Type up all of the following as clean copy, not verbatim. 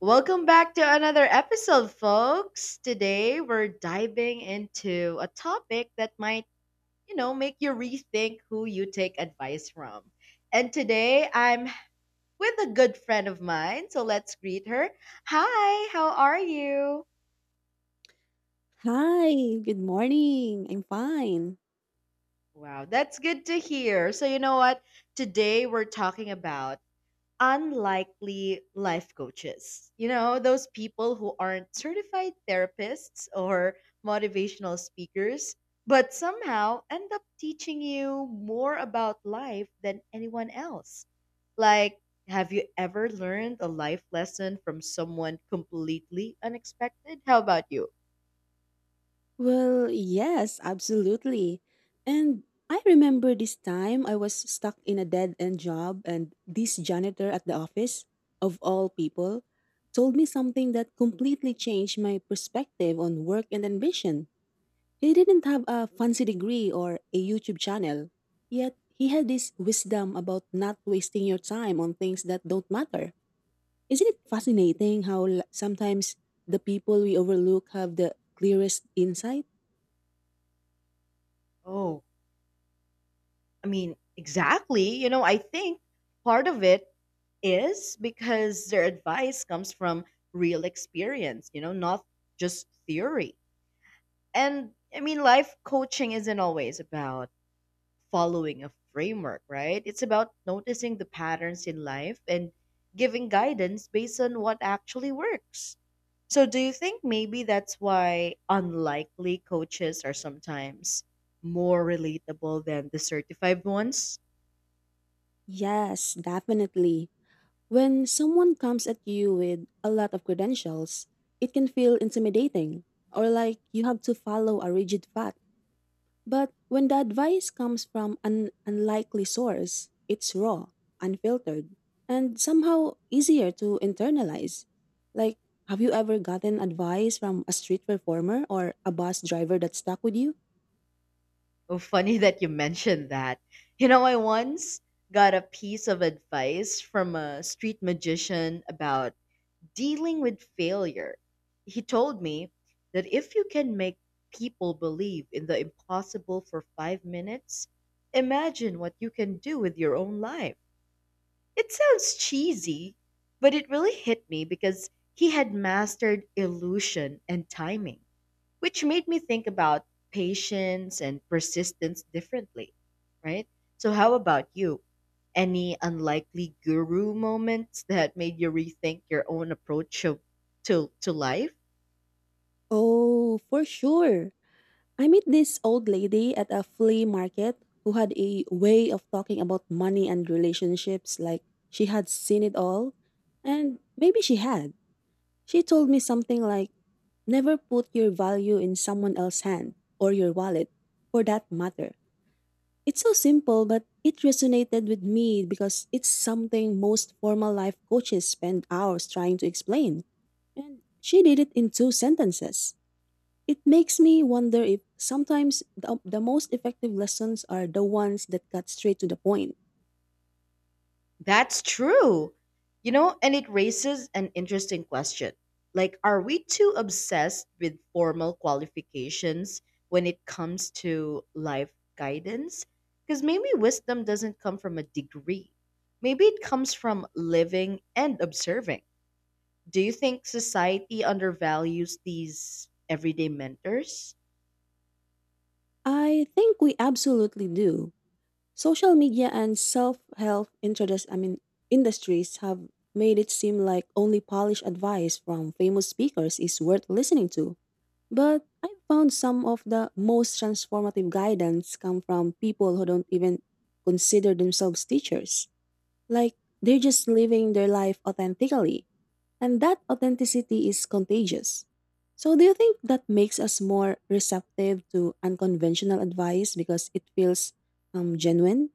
Welcome back to another episode, folks. Today we're diving into a topic that might, make you rethink who you take advice from. And today I'm with a good friend of mine, so let's greet her. Hi, how are you? So, hi, good morning. I'm fine. Wow, that's good to hear. So, you know what? Today we're talking about unlikely life coaches. Those people who aren't certified therapists or motivational speakers, but somehow end up teaching you more about life than anyone else. Like, have you ever learned a life lesson from someone completely unexpected? How about you? Well, yes, absolutely. And I remember this time I was stuck in a dead end job, and this janitor at the office, of all people, told me something that completely changed my perspective on work and ambition. He didn't have a fancy degree or a YouTube channel, yet he had this wisdom about not wasting your time on things that don't matter. Isn't it fascinating how sometimes the people we overlook have the clearest insight? Oh, I mean, exactly. I think part of it is because their advice comes from real experience, not just theory. And I mean, life coaching isn't always about following a framework, right? It's about noticing the patterns in life and giving guidance based on what actually works. So, do you think maybe that's why unlikely coaches are sometimes more relatable than the certified ones? Yes, definitely. When someone comes at you with a lot of credentials, it can feel intimidating or like you have to follow a rigid path. But when the advice comes from an unlikely source, it's raw, unfiltered, and somehow easier to internalize. Like, have you ever gotten advice from a street performer or a bus driver that stuck with you? Oh, funny that you mentioned that. I once got a piece of advice from a street magician about dealing with failure. He told me that if you can make people believe in the impossible for 5 minutes, imagine what you can do with your own life. It sounds cheesy, but it really hit me because he had mastered illusion and timing which made me think about patience and persistence differently, right? So, how about you? Any unlikely guru moments that made you rethink your own approach to life? Oh, for sure. I met this old lady at a flea market who had a way of talking about money and relationships like she had seen it all. And maybe she had. She told me something like, never put your value in someone else's hand or your wallet for that matter. It's so simple, but it resonated with me because it's something most formal life coaches spend hours trying to explain. And she did it in two sentences. It makes me wonder if sometimes the most effective lessons are the ones that cut straight to the point. That's true. And it raises an interesting question. Are we too obsessed with formal qualifications when it comes to life guidance? Because maybe wisdom doesn't come from a degree, maybe it comes from living and observing. Do you think society undervalues these everyday mentors? I think we absolutely do. Social media and self-help introduce, I mean, industries have made it seem like only polished advice from famous speakers is worth listening to. But I found some of the most transformative guidance come from people who don't even consider themselves teachers. Like they're just living their life authentically. And that authenticity is contagious. So, do you think that makes us more receptive to unconventional advice because it feels genuine?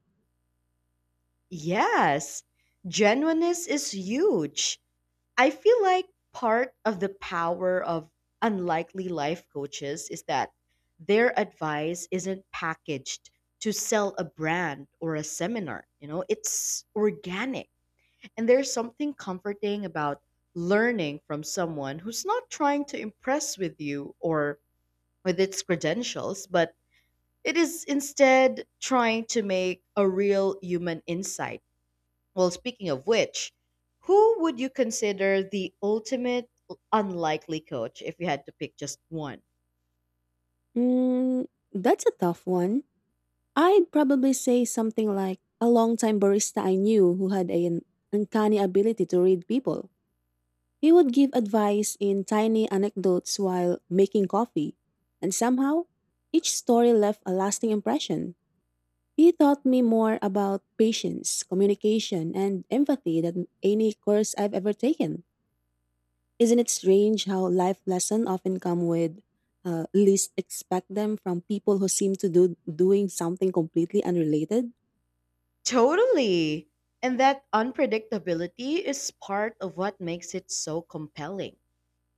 Yes, genuineness is huge. I feel like part of the power of unlikely life coaches is that their advice isn't packaged to sell a brand or a seminar. It's organic. And there's something comforting about learning from someone who's not trying to impress with you or with its credentials, but it is instead trying to make a real human insight. Well, speaking of which, who would you consider the ultimate unlikely coach if you had to pick just one? Mm, that's a tough one. I'd probably say something like a longtime barista I knew who had an uncanny ability to read people. He would give advice in tiny anecdotes while making coffee, and somehow, each story left a lasting impression. He taught me more about patience, communication, and empathy than any course I've ever taken. Isn't it strange how life lessons often come with least expect them from people who seem to do doing something completely unrelated? Totally. And that unpredictability is part of what makes it so compelling.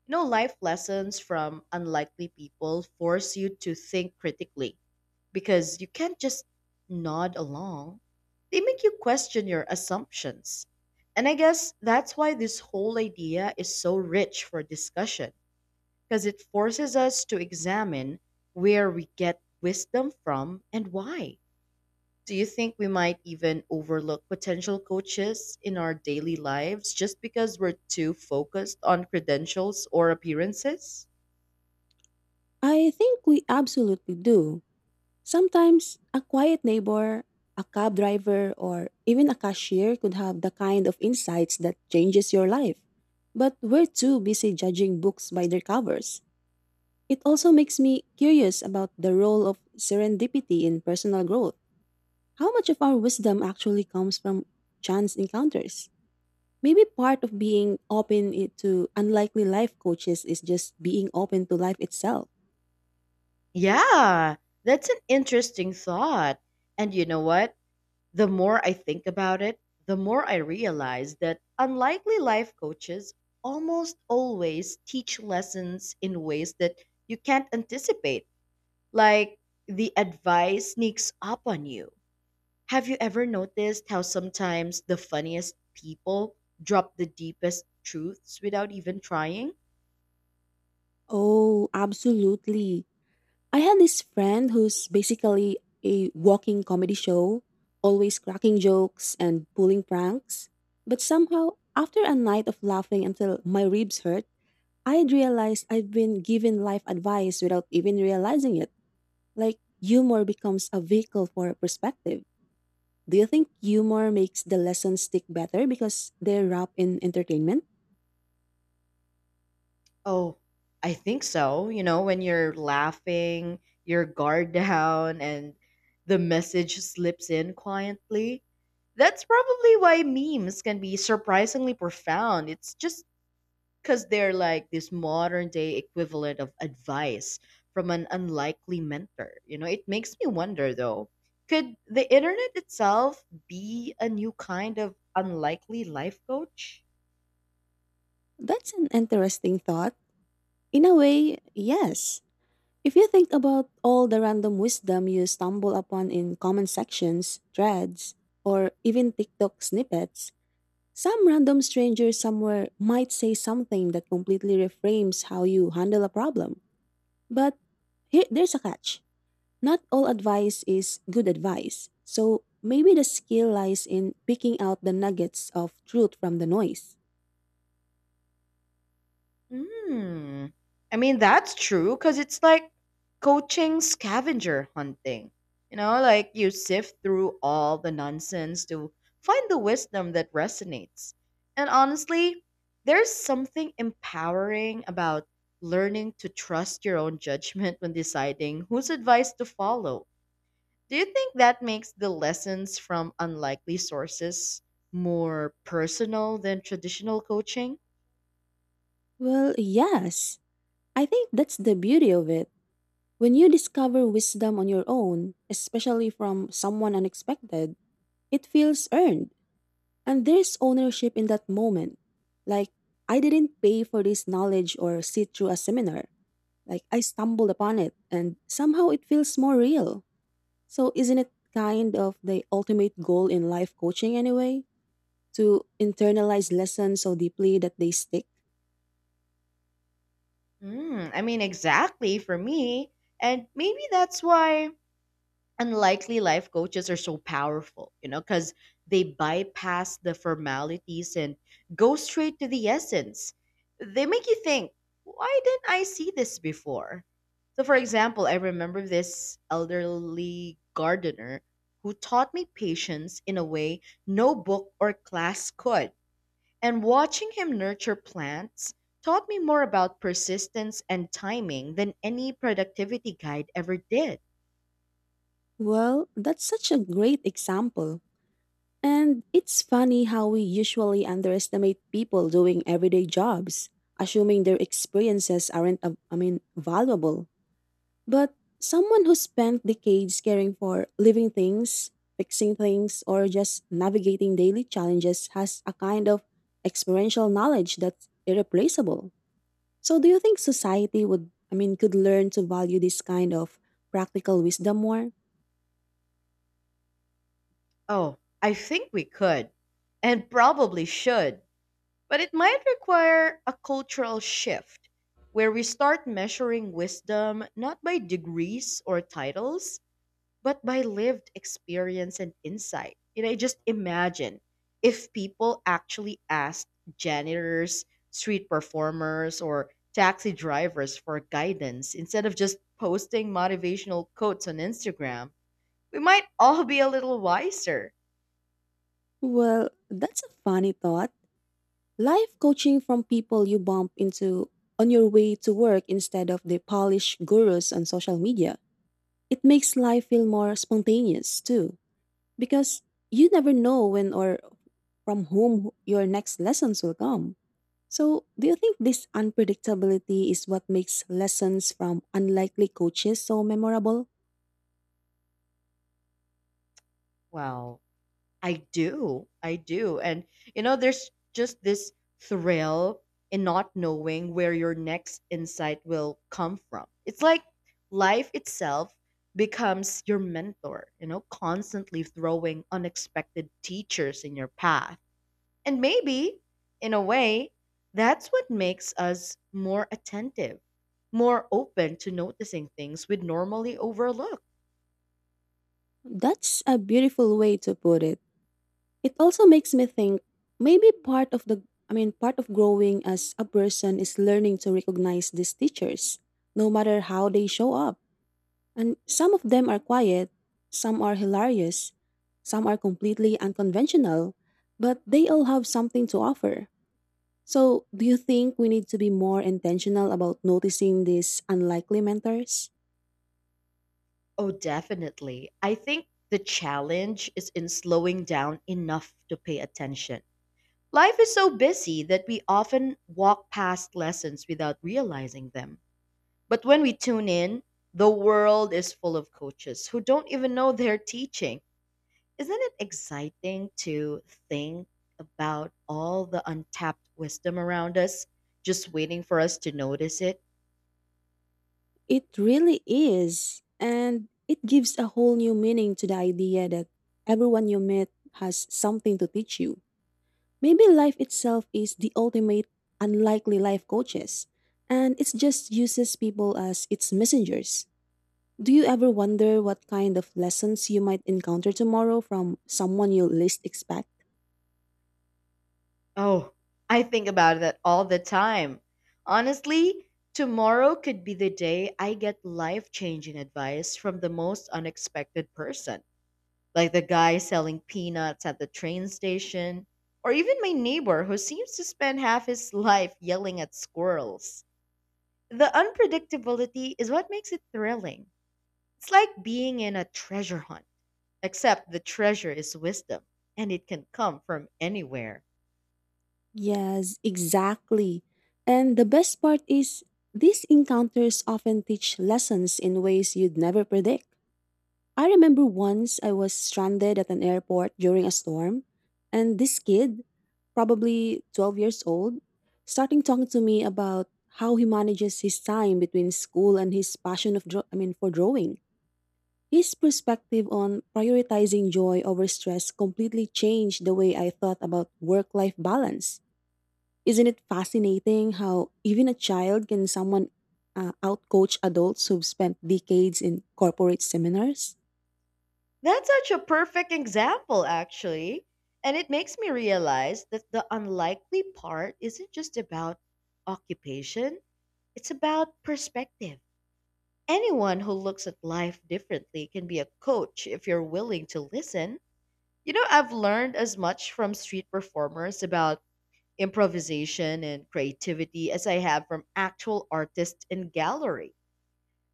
Life lessons from unlikely people force you to think critically because you can't just nod along. They make you question your assumptions. And I guess that's why this whole idea is so rich for discussion because it forces us to examine where we get wisdom from and why. Do you think we might even overlook potential coaches in our daily lives just because we're too focused on credentials or appearances? I think we absolutely do. Sometimes a quiet neighbor, a cab driver, or even a cashier could have the kind of insights that changes your life. But we're too busy judging books by their covers. It also makes me curious about the role of serendipity in personal growth. How much of our wisdom actually comes from chance encounters? Maybe part of being open to unlikely life coaches is just being open to life itself. Yeah, that's an interesting thought. And you know what? The more I think about it, the more I realize that unlikely life coaches almost always teach lessons in ways that you can't anticipate. Like the advice sneaks up on you. Have you ever noticed how sometimes the funniest people drop the deepest truths without even trying? Oh, absolutely. I had this friend who's basically a walking comedy show, always cracking jokes and pulling pranks. But somehow, after a night of laughing until my ribs hurt, I realized I've been giving life advice without even realizing it. Like, humor becomes a vehicle for perspective. Do you think humor makes the lessons stick better because they're wrapped in entertainment? Oh, I think so. When you're laughing, your guard down, and the message slips in quietly. That's probably why memes can be surprisingly profound. It's just because they're like this modern day equivalent of advice from an unlikely mentor. It makes me wonder though, could the internet itself be a new kind of unlikely life coach? That's an interesting thought. In a way, yes. If you think about all the random wisdom you stumble upon in comment sections, threads, or even TikTok snippets, some random stranger somewhere might say something that completely reframes how you handle a problem. But there's a catch. Not all advice is good advice. So maybe the skill lies in picking out the nuggets of truth from the noise. Hmm. I mean, that's true because it's like coaching scavenger hunting. Like you sift through all the nonsense to find the wisdom that resonates. And honestly, there's something empowering about learning to trust your own judgment when deciding whose advice to follow. Do you think that makes the lessons from unlikely sources more personal than traditional coaching? Well, yes. I think that's the beauty of it. When you discover wisdom on your own, especially from someone unexpected, it feels earned. And there's ownership in that moment. Like, I didn't pay for this knowledge or sit through a seminar. Like, I stumbled upon it, and somehow it feels more real. So, isn't it kind of the ultimate goal in life coaching anyway? To internalize lessons so deeply that they stick? Mm, I mean, exactly for me. And maybe that's why unlikely life coaches are so powerful, because they bypass the formalities and go straight to the essence. They make you think, why didn't I see this before? So, for example, I remember this elderly gardener who taught me patience in a way no book or class could, and watching him nurture plants taught me more about persistence and timing than any productivity guide ever did. Well, that's such a great example. And it's funny how we usually underestimate people doing everyday jobs, assuming their experiences aren't, I mean, valuable. But someone who spent decades caring for living things, fixing things, or just navigating daily challenges has a kind of experiential knowledge that's irreplaceable. So, do you think society would, I mean, could learn to value this kind of practical wisdom more? Oh, I think we could, and probably should, but it might require a cultural shift where we start measuring wisdom not by degrees or titles, but by lived experience and insight. I just imagine if people actually asked janitors, street performers, or taxi drivers for guidance instead of just posting motivational quotes on Instagram, we might all be a little wiser. Well, that's a funny thought. Life coaching from people you bump into on your way to work instead of the polished gurus on social media. It makes life feel more spontaneous, too, because you never know when or from whom your next lessons will come. So, do you think this unpredictability is what makes lessons from unlikely coaches so memorable? Wow. I do. I do. And there's just this thrill in not knowing where your next insight will come from. It's like life itself becomes your mentor, constantly throwing unexpected teachers in your path. And maybe, in a way, that's what makes us more attentive, more open to noticing things we'd normally overlook. That's a beautiful way to put it. It also makes me think maybe part of the I mean part of growing as a person is learning to recognize these teachers no matter how they show up. And some of them are quiet, some are hilarious, some are completely unconventional, but they all have something to offer. So, do you think we need to be more intentional about noticing these unlikely mentors? Oh, definitely. I think the challenge is in slowing down enough to pay attention. Life is so busy that we often walk past lessons without realizing them. But when we tune in, the world is full of coaches who don't even know they're teaching. Isn't it exciting to think about all the untapped wisdom around us, just waiting for us to notice it? It really is. And it gives a whole new meaning to the idea that everyone you meet has something to teach you. Maybe life itself is the ultimate unlikely life coaches, and it just uses people as its messengers. Do you ever wonder what kind of lessons you might encounter tomorrow from someone you least expect? Oh, I think about that all the time. Honestly, tomorrow could be the day I get life changing advice from the most unexpected person, like the guy selling peanuts at the train station, or even my neighbor who seems to spend half his life yelling at squirrels. The unpredictability is what makes it thrilling. It's like being in a treasure hunt, except the treasure is wisdom, and it can come from anywhere. Yes, exactly. And the best part is, these encounters often teach lessons in ways you'd never predict. I remember once I was stranded at an airport during a storm, and this kid, probably 12 years old, starting talking to me about how he manages his time between school and his passion of I mean for drawing. His perspective on prioritizing joy over stress completely changed the way I thought about work life balance. Isn't it fascinating how even a child can someone outcoach adults who've spent decades in corporate seminars? That's such a perfect example, actually. And it makes me realize that the unlikely part isn't just about occupation, it's about perspective. Anyone who looks at life differently can be a coach if you're willing to listen. I've learned as much from street performers about improvisation and creativity as I have from actual artists in galleries.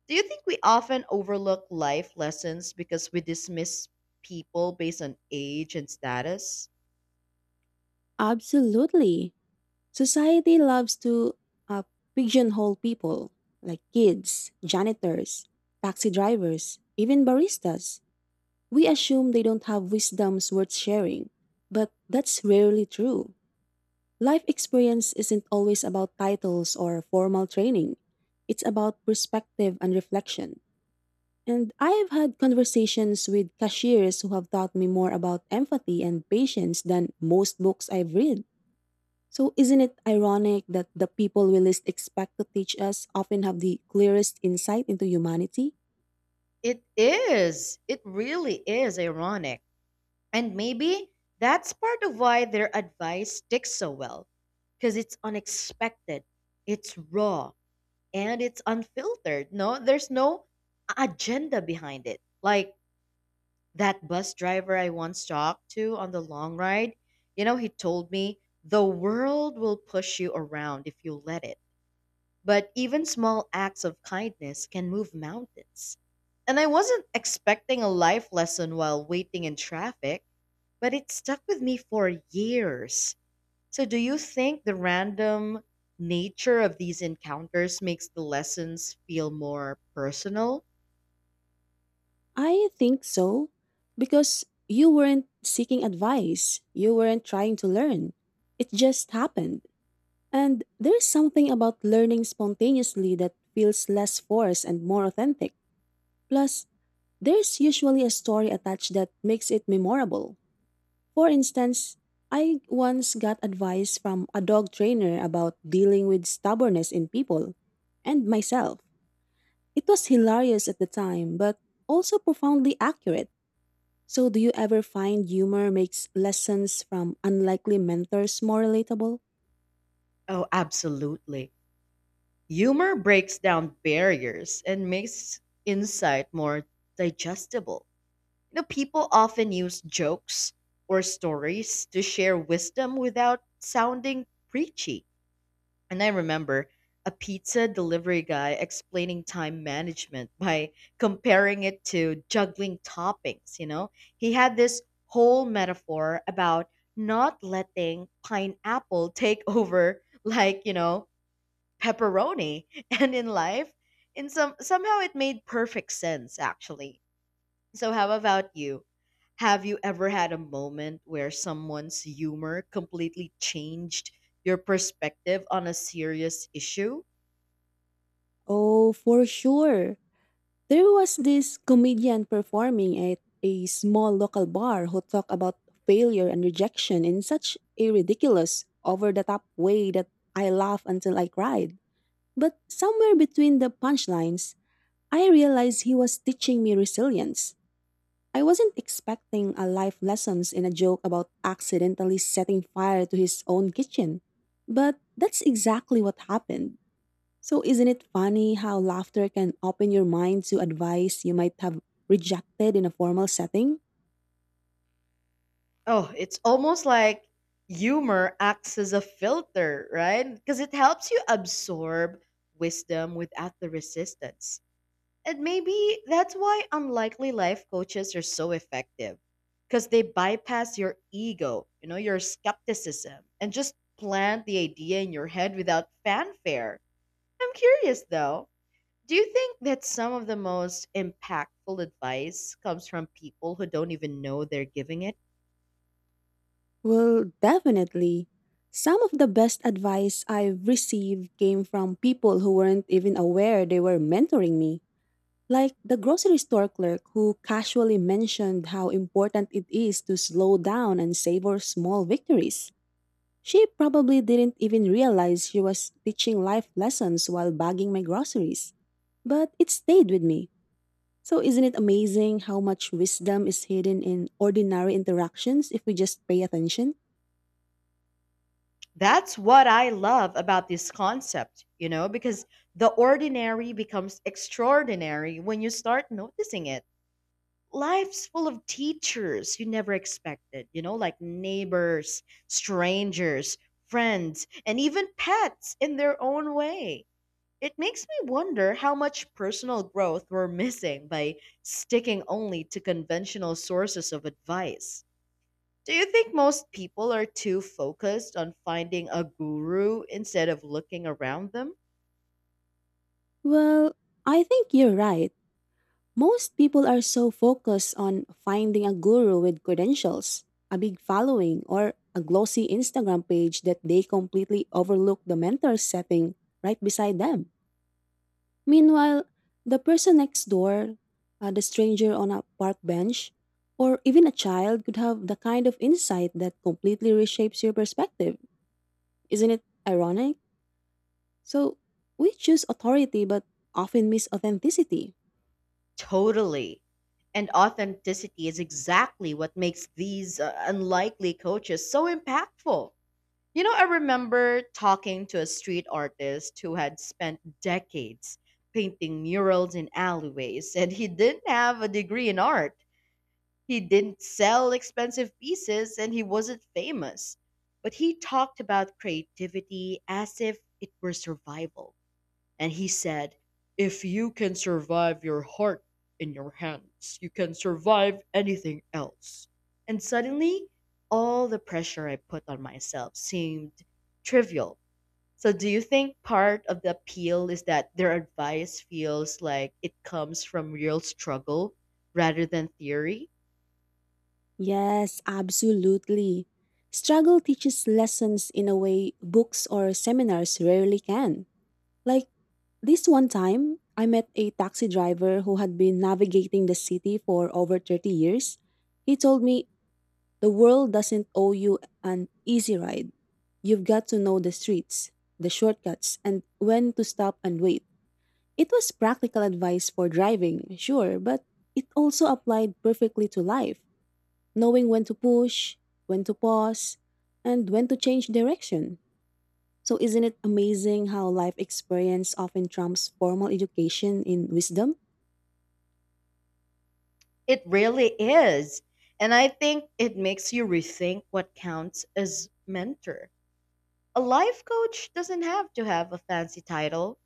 Do you think we often overlook life lessons because we dismiss people based on age and status? Absolutely. Society loves to uh, pigeonhole people like kids, janitors, taxi drivers, even baristas. We assume they don't have wisdoms worth sharing, but that's rarely true. Life experience isn't always about titles or formal training. It's about perspective and reflection. And I have had conversations with cashiers who have taught me more about empathy and patience than most books I've read. So, isn't it ironic that the people we least expect to teach us often have the clearest insight into humanity? It is. It really is ironic. And maybe that's part of why their advice sticks so well because it's unexpected, it's raw, and it's unfiltered. No, there's no agenda behind it. That bus driver I once talked to on the long ride, he told me the world will push you around if you let it. But even small acts of kindness can move mountains. And I wasn't expecting a life lesson while waiting in traffic, but it stuck with me for years. So, do you think the random nature of these encounters makes the lessons feel more personal? I think so, because you weren't seeking advice, you weren't trying to learn. It just happened. And there's something about learning spontaneously that feels less forced and more authentic. Plus, there's usually a story attached that makes it memorable. For instance, I once got advice from a dog trainer about dealing with stubbornness in people and myself. It was hilarious at the time, but also profoundly accurate. So, do you ever find humor makes lessons from unlikely mentors more relatable? Oh, absolutely. Humor breaks down barriers and makes insight more digestible. People often use jokes or stories to share wisdom without sounding preachy. And I remember a pizza delivery guy explaining time management by comparing it to juggling toppings, you know? He had this whole metaphor about not letting pineapple take over pepperoni and in life in some somehow it made perfect sense actually. So how about you, have you ever had a moment where someone's humor completely changed your perspective on a serious issue? Oh, for sure. There was this comedian performing at a small local bar who talked about failure and rejection in such a ridiculous, over the top way that I laughed until I cried. But somewhere between the punchlines, I realized he was teaching me resilience. I wasn't expecting a life lessons in a joke about accidentally setting fire to his own kitchen. But that's exactly what happened. So, isn't it funny how laughter can open your mind to advice you might have rejected in a formal setting? Oh, it's almost like humor acts as a filter, right? Because it helps you absorb wisdom without the resistance. And maybe that's why unlikely life coaches are so effective because they bypass your ego, your skepticism, and just plant the idea in your head without fanfare. I'm curious though, do you think that some of the most impactful advice comes from people who don't even know they're giving it? Well, definitely. Some of the best advice I've received came from people who weren't even aware they were mentoring me. Like the grocery store clerk who casually mentioned how important it is to slow down and savor small victories. She probably didn't even realize she was teaching life lessons while bagging my groceries. But it stayed with me. So, isn't it amazing how much wisdom is hidden in ordinary interactions if we just pay attention? That's what I love about this concept, because the ordinary becomes extraordinary when you start noticing it. Life's full of teachers you never expected, like neighbors, strangers, friends, and even pets in their own way. It makes me wonder how much personal growth we're missing by sticking only to conventional sources of advice. Do you think most people are too focused on finding a guru instead of looking around them? Well, I think you're right. Most people are so focused on finding a guru with credentials, a big following, or a glossy Instagram page that they completely overlook the mentor setting right beside them. Meanwhile, the person next door, the stranger on a park bench, or even a child could have the kind of insight that completely reshapes your perspective. Isn't it ironic? So we choose authority but often miss authenticity. Totally. And authenticity is exactly what makes these unlikely coaches so impactful. I remember talking to a street artist who had spent decades painting murals in alleyways, and he didn't have a degree in art. He didn't sell expensive pieces, and he wasn't famous. But he talked about creativity as if it were survival, and he said, "If you can survive your heart in your hands, you can survive anything else." And suddenly, all the pressure I put on myself seemed trivial. So, do you think part of the appeal is that their advice feels like it comes from real struggle rather than theory? Yes, absolutely. Struggle teaches lessons in a way books or seminars rarely can. Like this one time, I met a taxi driver who had been navigating the city for over 30 years. He told me, the world doesn't owe you an easy ride. You've got to know the streets, the shortcuts, and when to stop and wait. It was practical advice for driving, sure, but it also applied perfectly to life, knowing when to push, when to pause, and when to change direction. So, isn't it amazing how life experience often trumps formal education in wisdom? It really is. And I think it makes you rethink what counts as mentor. A life coach doesn't have to have a fancy title.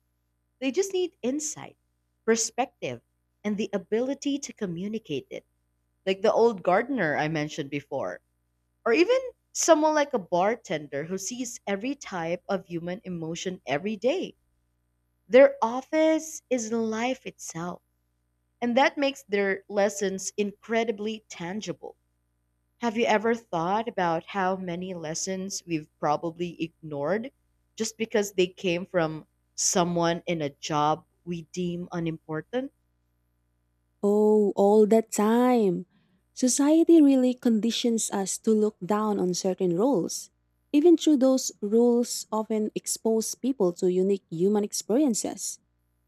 They just need insight, perspective, and the ability to communicate it. Like the old gardener I mentioned before, or even someone like a bartender who sees every type of human emotion every day. Their office is life itself, and that makes their lessons incredibly tangible. Have you ever thought about how many lessons we've probably ignored just because they came from someone in a job we deem unimportant? Oh, all the time. Society really conditions us to look down on certain roles. Even though those rules often expose people to unique human experiences.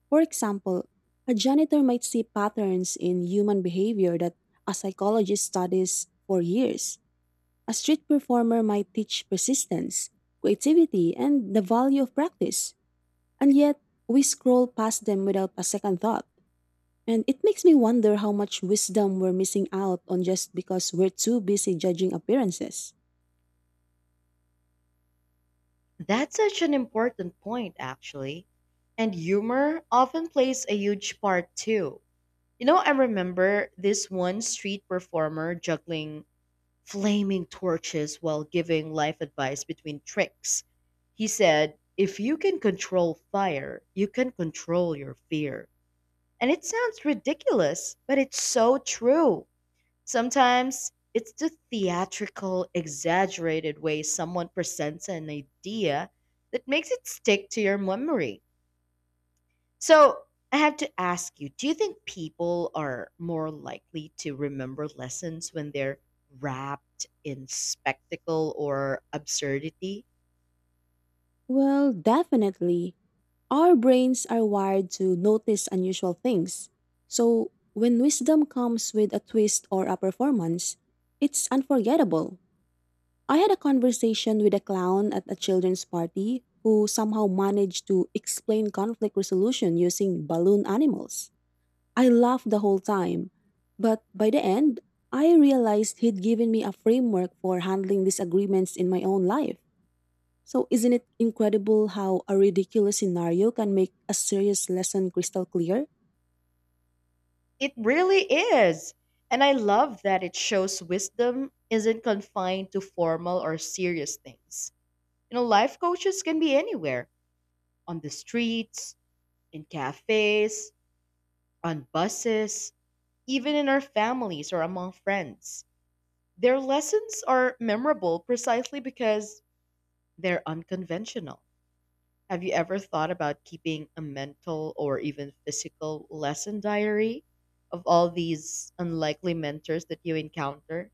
For example, a janitor might see patterns in human behavior that a psychologist studies for years. A street performer might teach persistence, creativity, and the value of practice. And yet, we scroll past them without a second thought. And it makes me wonder how much wisdom we're missing out on just because we're too busy judging appearances. That's such an important point, actually. And humor often plays a huge part too. You know, I remember this one street performer juggling flaming torches while giving life advice between tricks. He said, if you can control fire, you can control your fear. And it sounds ridiculous, but it's so true. Sometimes it's the theatrical, exaggerated way someone presents an idea that makes it stick to your memory. So, I have to ask you, do you think people are more likely to remember lessons when they're wrapped in spectacle or absurdity? Well, definitely. Our brains are wired to notice unusual things. So, when wisdom comes with a twist or a performance, it's unforgettable. I had a conversation with a clown at a children's party who somehow managed to explain conflict resolution using balloon animals. I laughed the whole time, but by the end, I realized he'd given me a framework for handling disagreements in my own life. So, isn't it incredible how a ridiculous scenario can make a serious lesson crystal clear? It really is. And I love that it shows wisdom isn't confined to formal or serious things. You know, life coaches can be anywhere, on the streets, in cafes, on buses, even in our families or among friends. Their lessons are memorable precisely because they're unconventional. Have you ever thought about keeping a mental or even physical lesson diary of all these unlikely mentors that you encounter?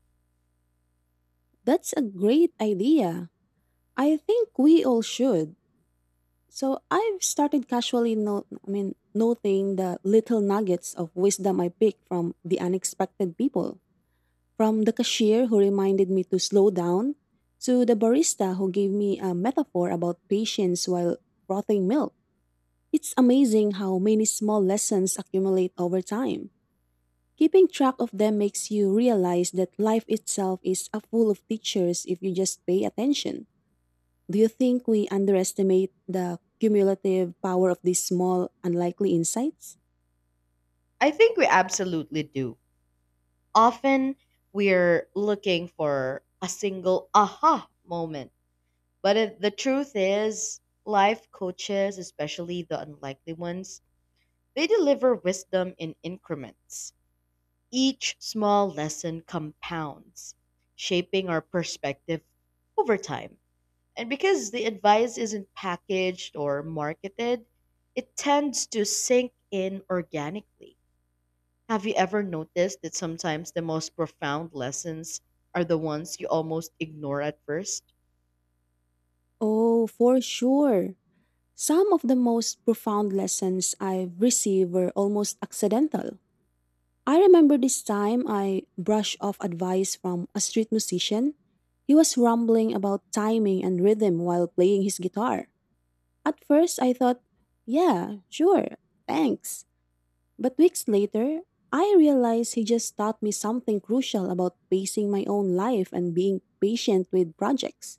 That's a great idea. I think we all should. So, I've started casually noting the little nuggets of wisdom I picked from the unexpected people. From the cashier who reminded me to slow down, to the barista who gave me a metaphor about patience while frothing milk. It's amazing how many small lessons accumulate over time. Keeping track of them makes you realize that life itself is a full of teachers if you just pay attention. Do you think we underestimate the cumulative power of these small, unlikely insights? I think we absolutely do. Often we're looking for a single aha moment. The truth is, life coaches, especially the unlikely ones, they deliver wisdom in increments. Each small lesson compounds, shaping our perspective over time. And because the advice isn't packaged or marketed, it tends to sink in organically. Have you ever noticed that sometimes the most profound lessons are the ones you almost ignore at first? Oh, for sure. Some of the most profound lessons I've received were almost accidental. I remember this time I brushed off advice from a street musician. He was rambling about timing and rhythm while playing his guitar. At first, I thought, yeah, sure, thanks. But weeks later, I realized he just taught me something crucial about pacing my own life and being patient with projects.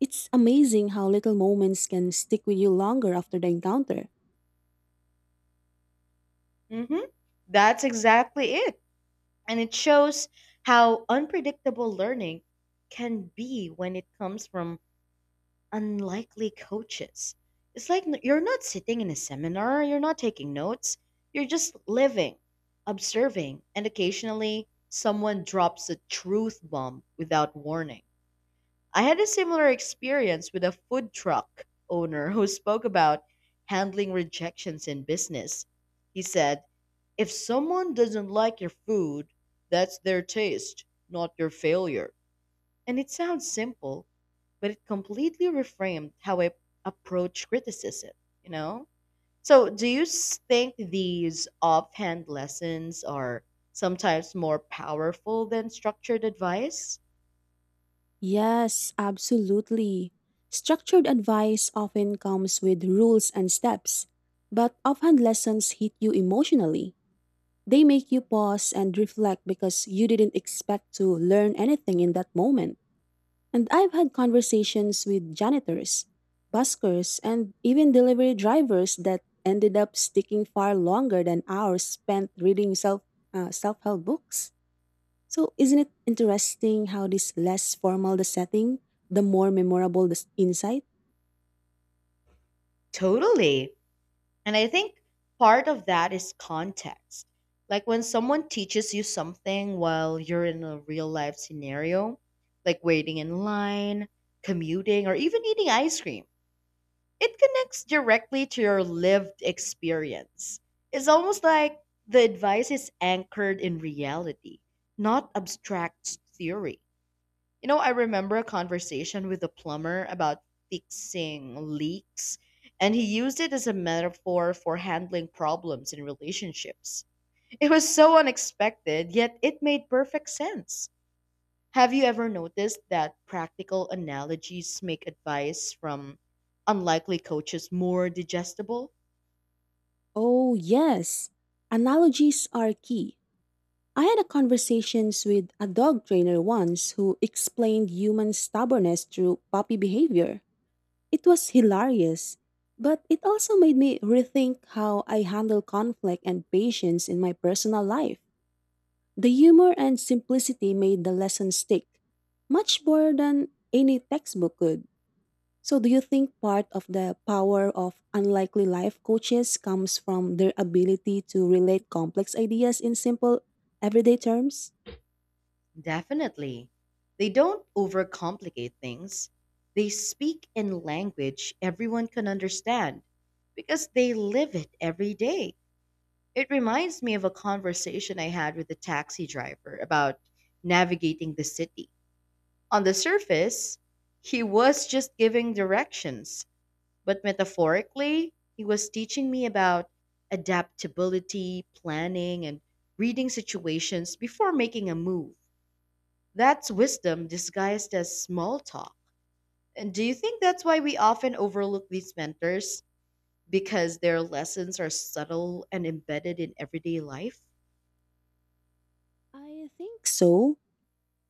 It's amazing how little moments can stick with you longer after the encounter. hmm That's exactly it. And it shows how unpredictable learning can be when it comes from unlikely coaches. It's like you're not sitting in a seminar, you're not taking notes, you're just living, observing, and occasionally someone drops a truth bomb without warning. I had a similar experience with a food truck owner who spoke about handling rejections in business. He said, if someone doesn't like your food, that's their taste, not your failure. And it sounds simple, but it completely reframed how I approach criticism, you know? So, do you think these offhand lessons are sometimes more powerful than structured advice? Yes, absolutely. Structured advice often comes with rules and steps, but offhand lessons hit you emotionally. They make you pause and reflect because you didn't expect to learn anything in that moment. And I've had conversations with janitors, buskers, and even delivery drivers that ended up sticking far longer than hours spent reading self-help books. So isn't it interesting how this less formal the setting, the more memorable the insight? Totally. And I think part of that is context. Like when someone teaches you something while you're in a real life scenario, like waiting in line, commuting, or even eating ice cream, it connects directly to your lived experience. It's almost like the advice is anchored in reality, not abstract theory. You know, I remember a conversation with a plumber about fixing leaks, and he used it as a metaphor for handling problems in relationships. It was so unexpected, yet it made perfect sense. Have you ever noticed that practical analogies make advice from unlikely coaches more digestible? Oh, yes. Analogies are key. I had a conversations with a dog trainer once who explained human stubbornness through puppy behavior. It was hilarious, but it also made me rethink how I handle conflict and patience in my personal life. The humor and simplicity made the lesson stick, much more than any textbook could. So, do you think part of the power of unlikely life coaches comes from their ability to relate complex ideas in simple, everyday terms? Definitely. They don't overcomplicate things. They speak in language everyone can understand because they live it every day. It reminds me of a conversation I had with a taxi driver about navigating the city. On the surface, he was just giving directions, but metaphorically, he was teaching me about adaptability, planning, and reading situations before making a move. That's wisdom disguised as small talk. And do you think that's why we often overlook these mentors? Because their lessons are subtle and embedded in everyday life? I think so.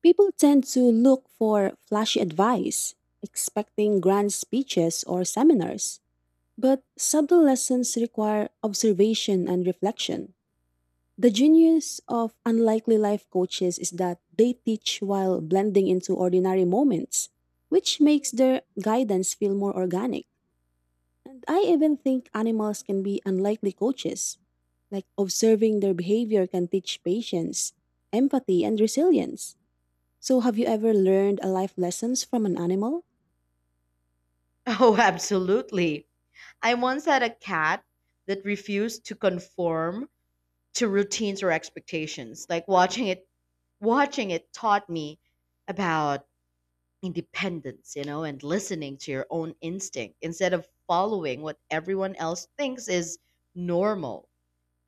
People tend to look for flashy advice, expecting grand speeches or seminars. But subtle lessons require observation and reflection. The genius of unlikely life coaches is that they teach while blending into ordinary moments, which makes their guidance feel more organic. And I even think animals can be unlikely coaches. Like observing their behavior can teach patience, empathy, and resilience. So, have you ever learned a life lessons from an animal? Oh, absolutely. I once had a cat that refused to conform to routines or expectations. Like watching it taught me about independence, you know, and listening to your own instinct instead of following what everyone else thinks is normal.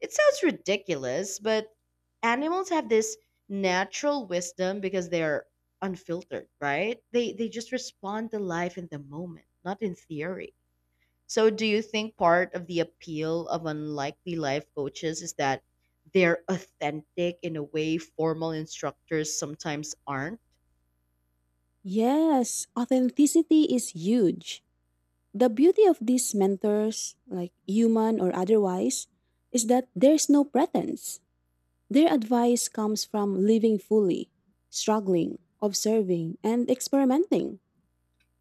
It sounds ridiculous, but animals have this natural wisdom because they're unfiltered, right? They just respond to life in the moment, not in theory. So do you think part of the appeal of unlikely life coaches is that they're authentic in a way formal instructors sometimes aren't? Yes, authenticity is huge. The beauty of these mentors, like human or otherwise, is that there's no pretense. Their advice comes from living fully, struggling, observing, and experimenting.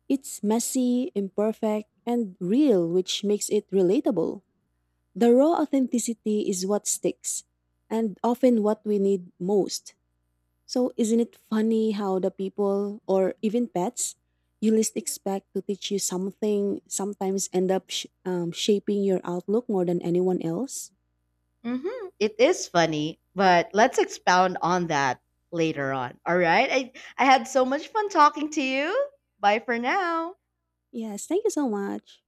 It's messy, imperfect, and real, which makes it relatable. The raw authenticity is what sticks, and often what we need most. So, isn't it funny how the people or even pets you least expect to teach you something sometimes end up shaping your outlook more than anyone else? Mhm. It is funny, but let's expound on that later on, all right? I had so much fun talking to you. Bye for now. Yes, thank you so much.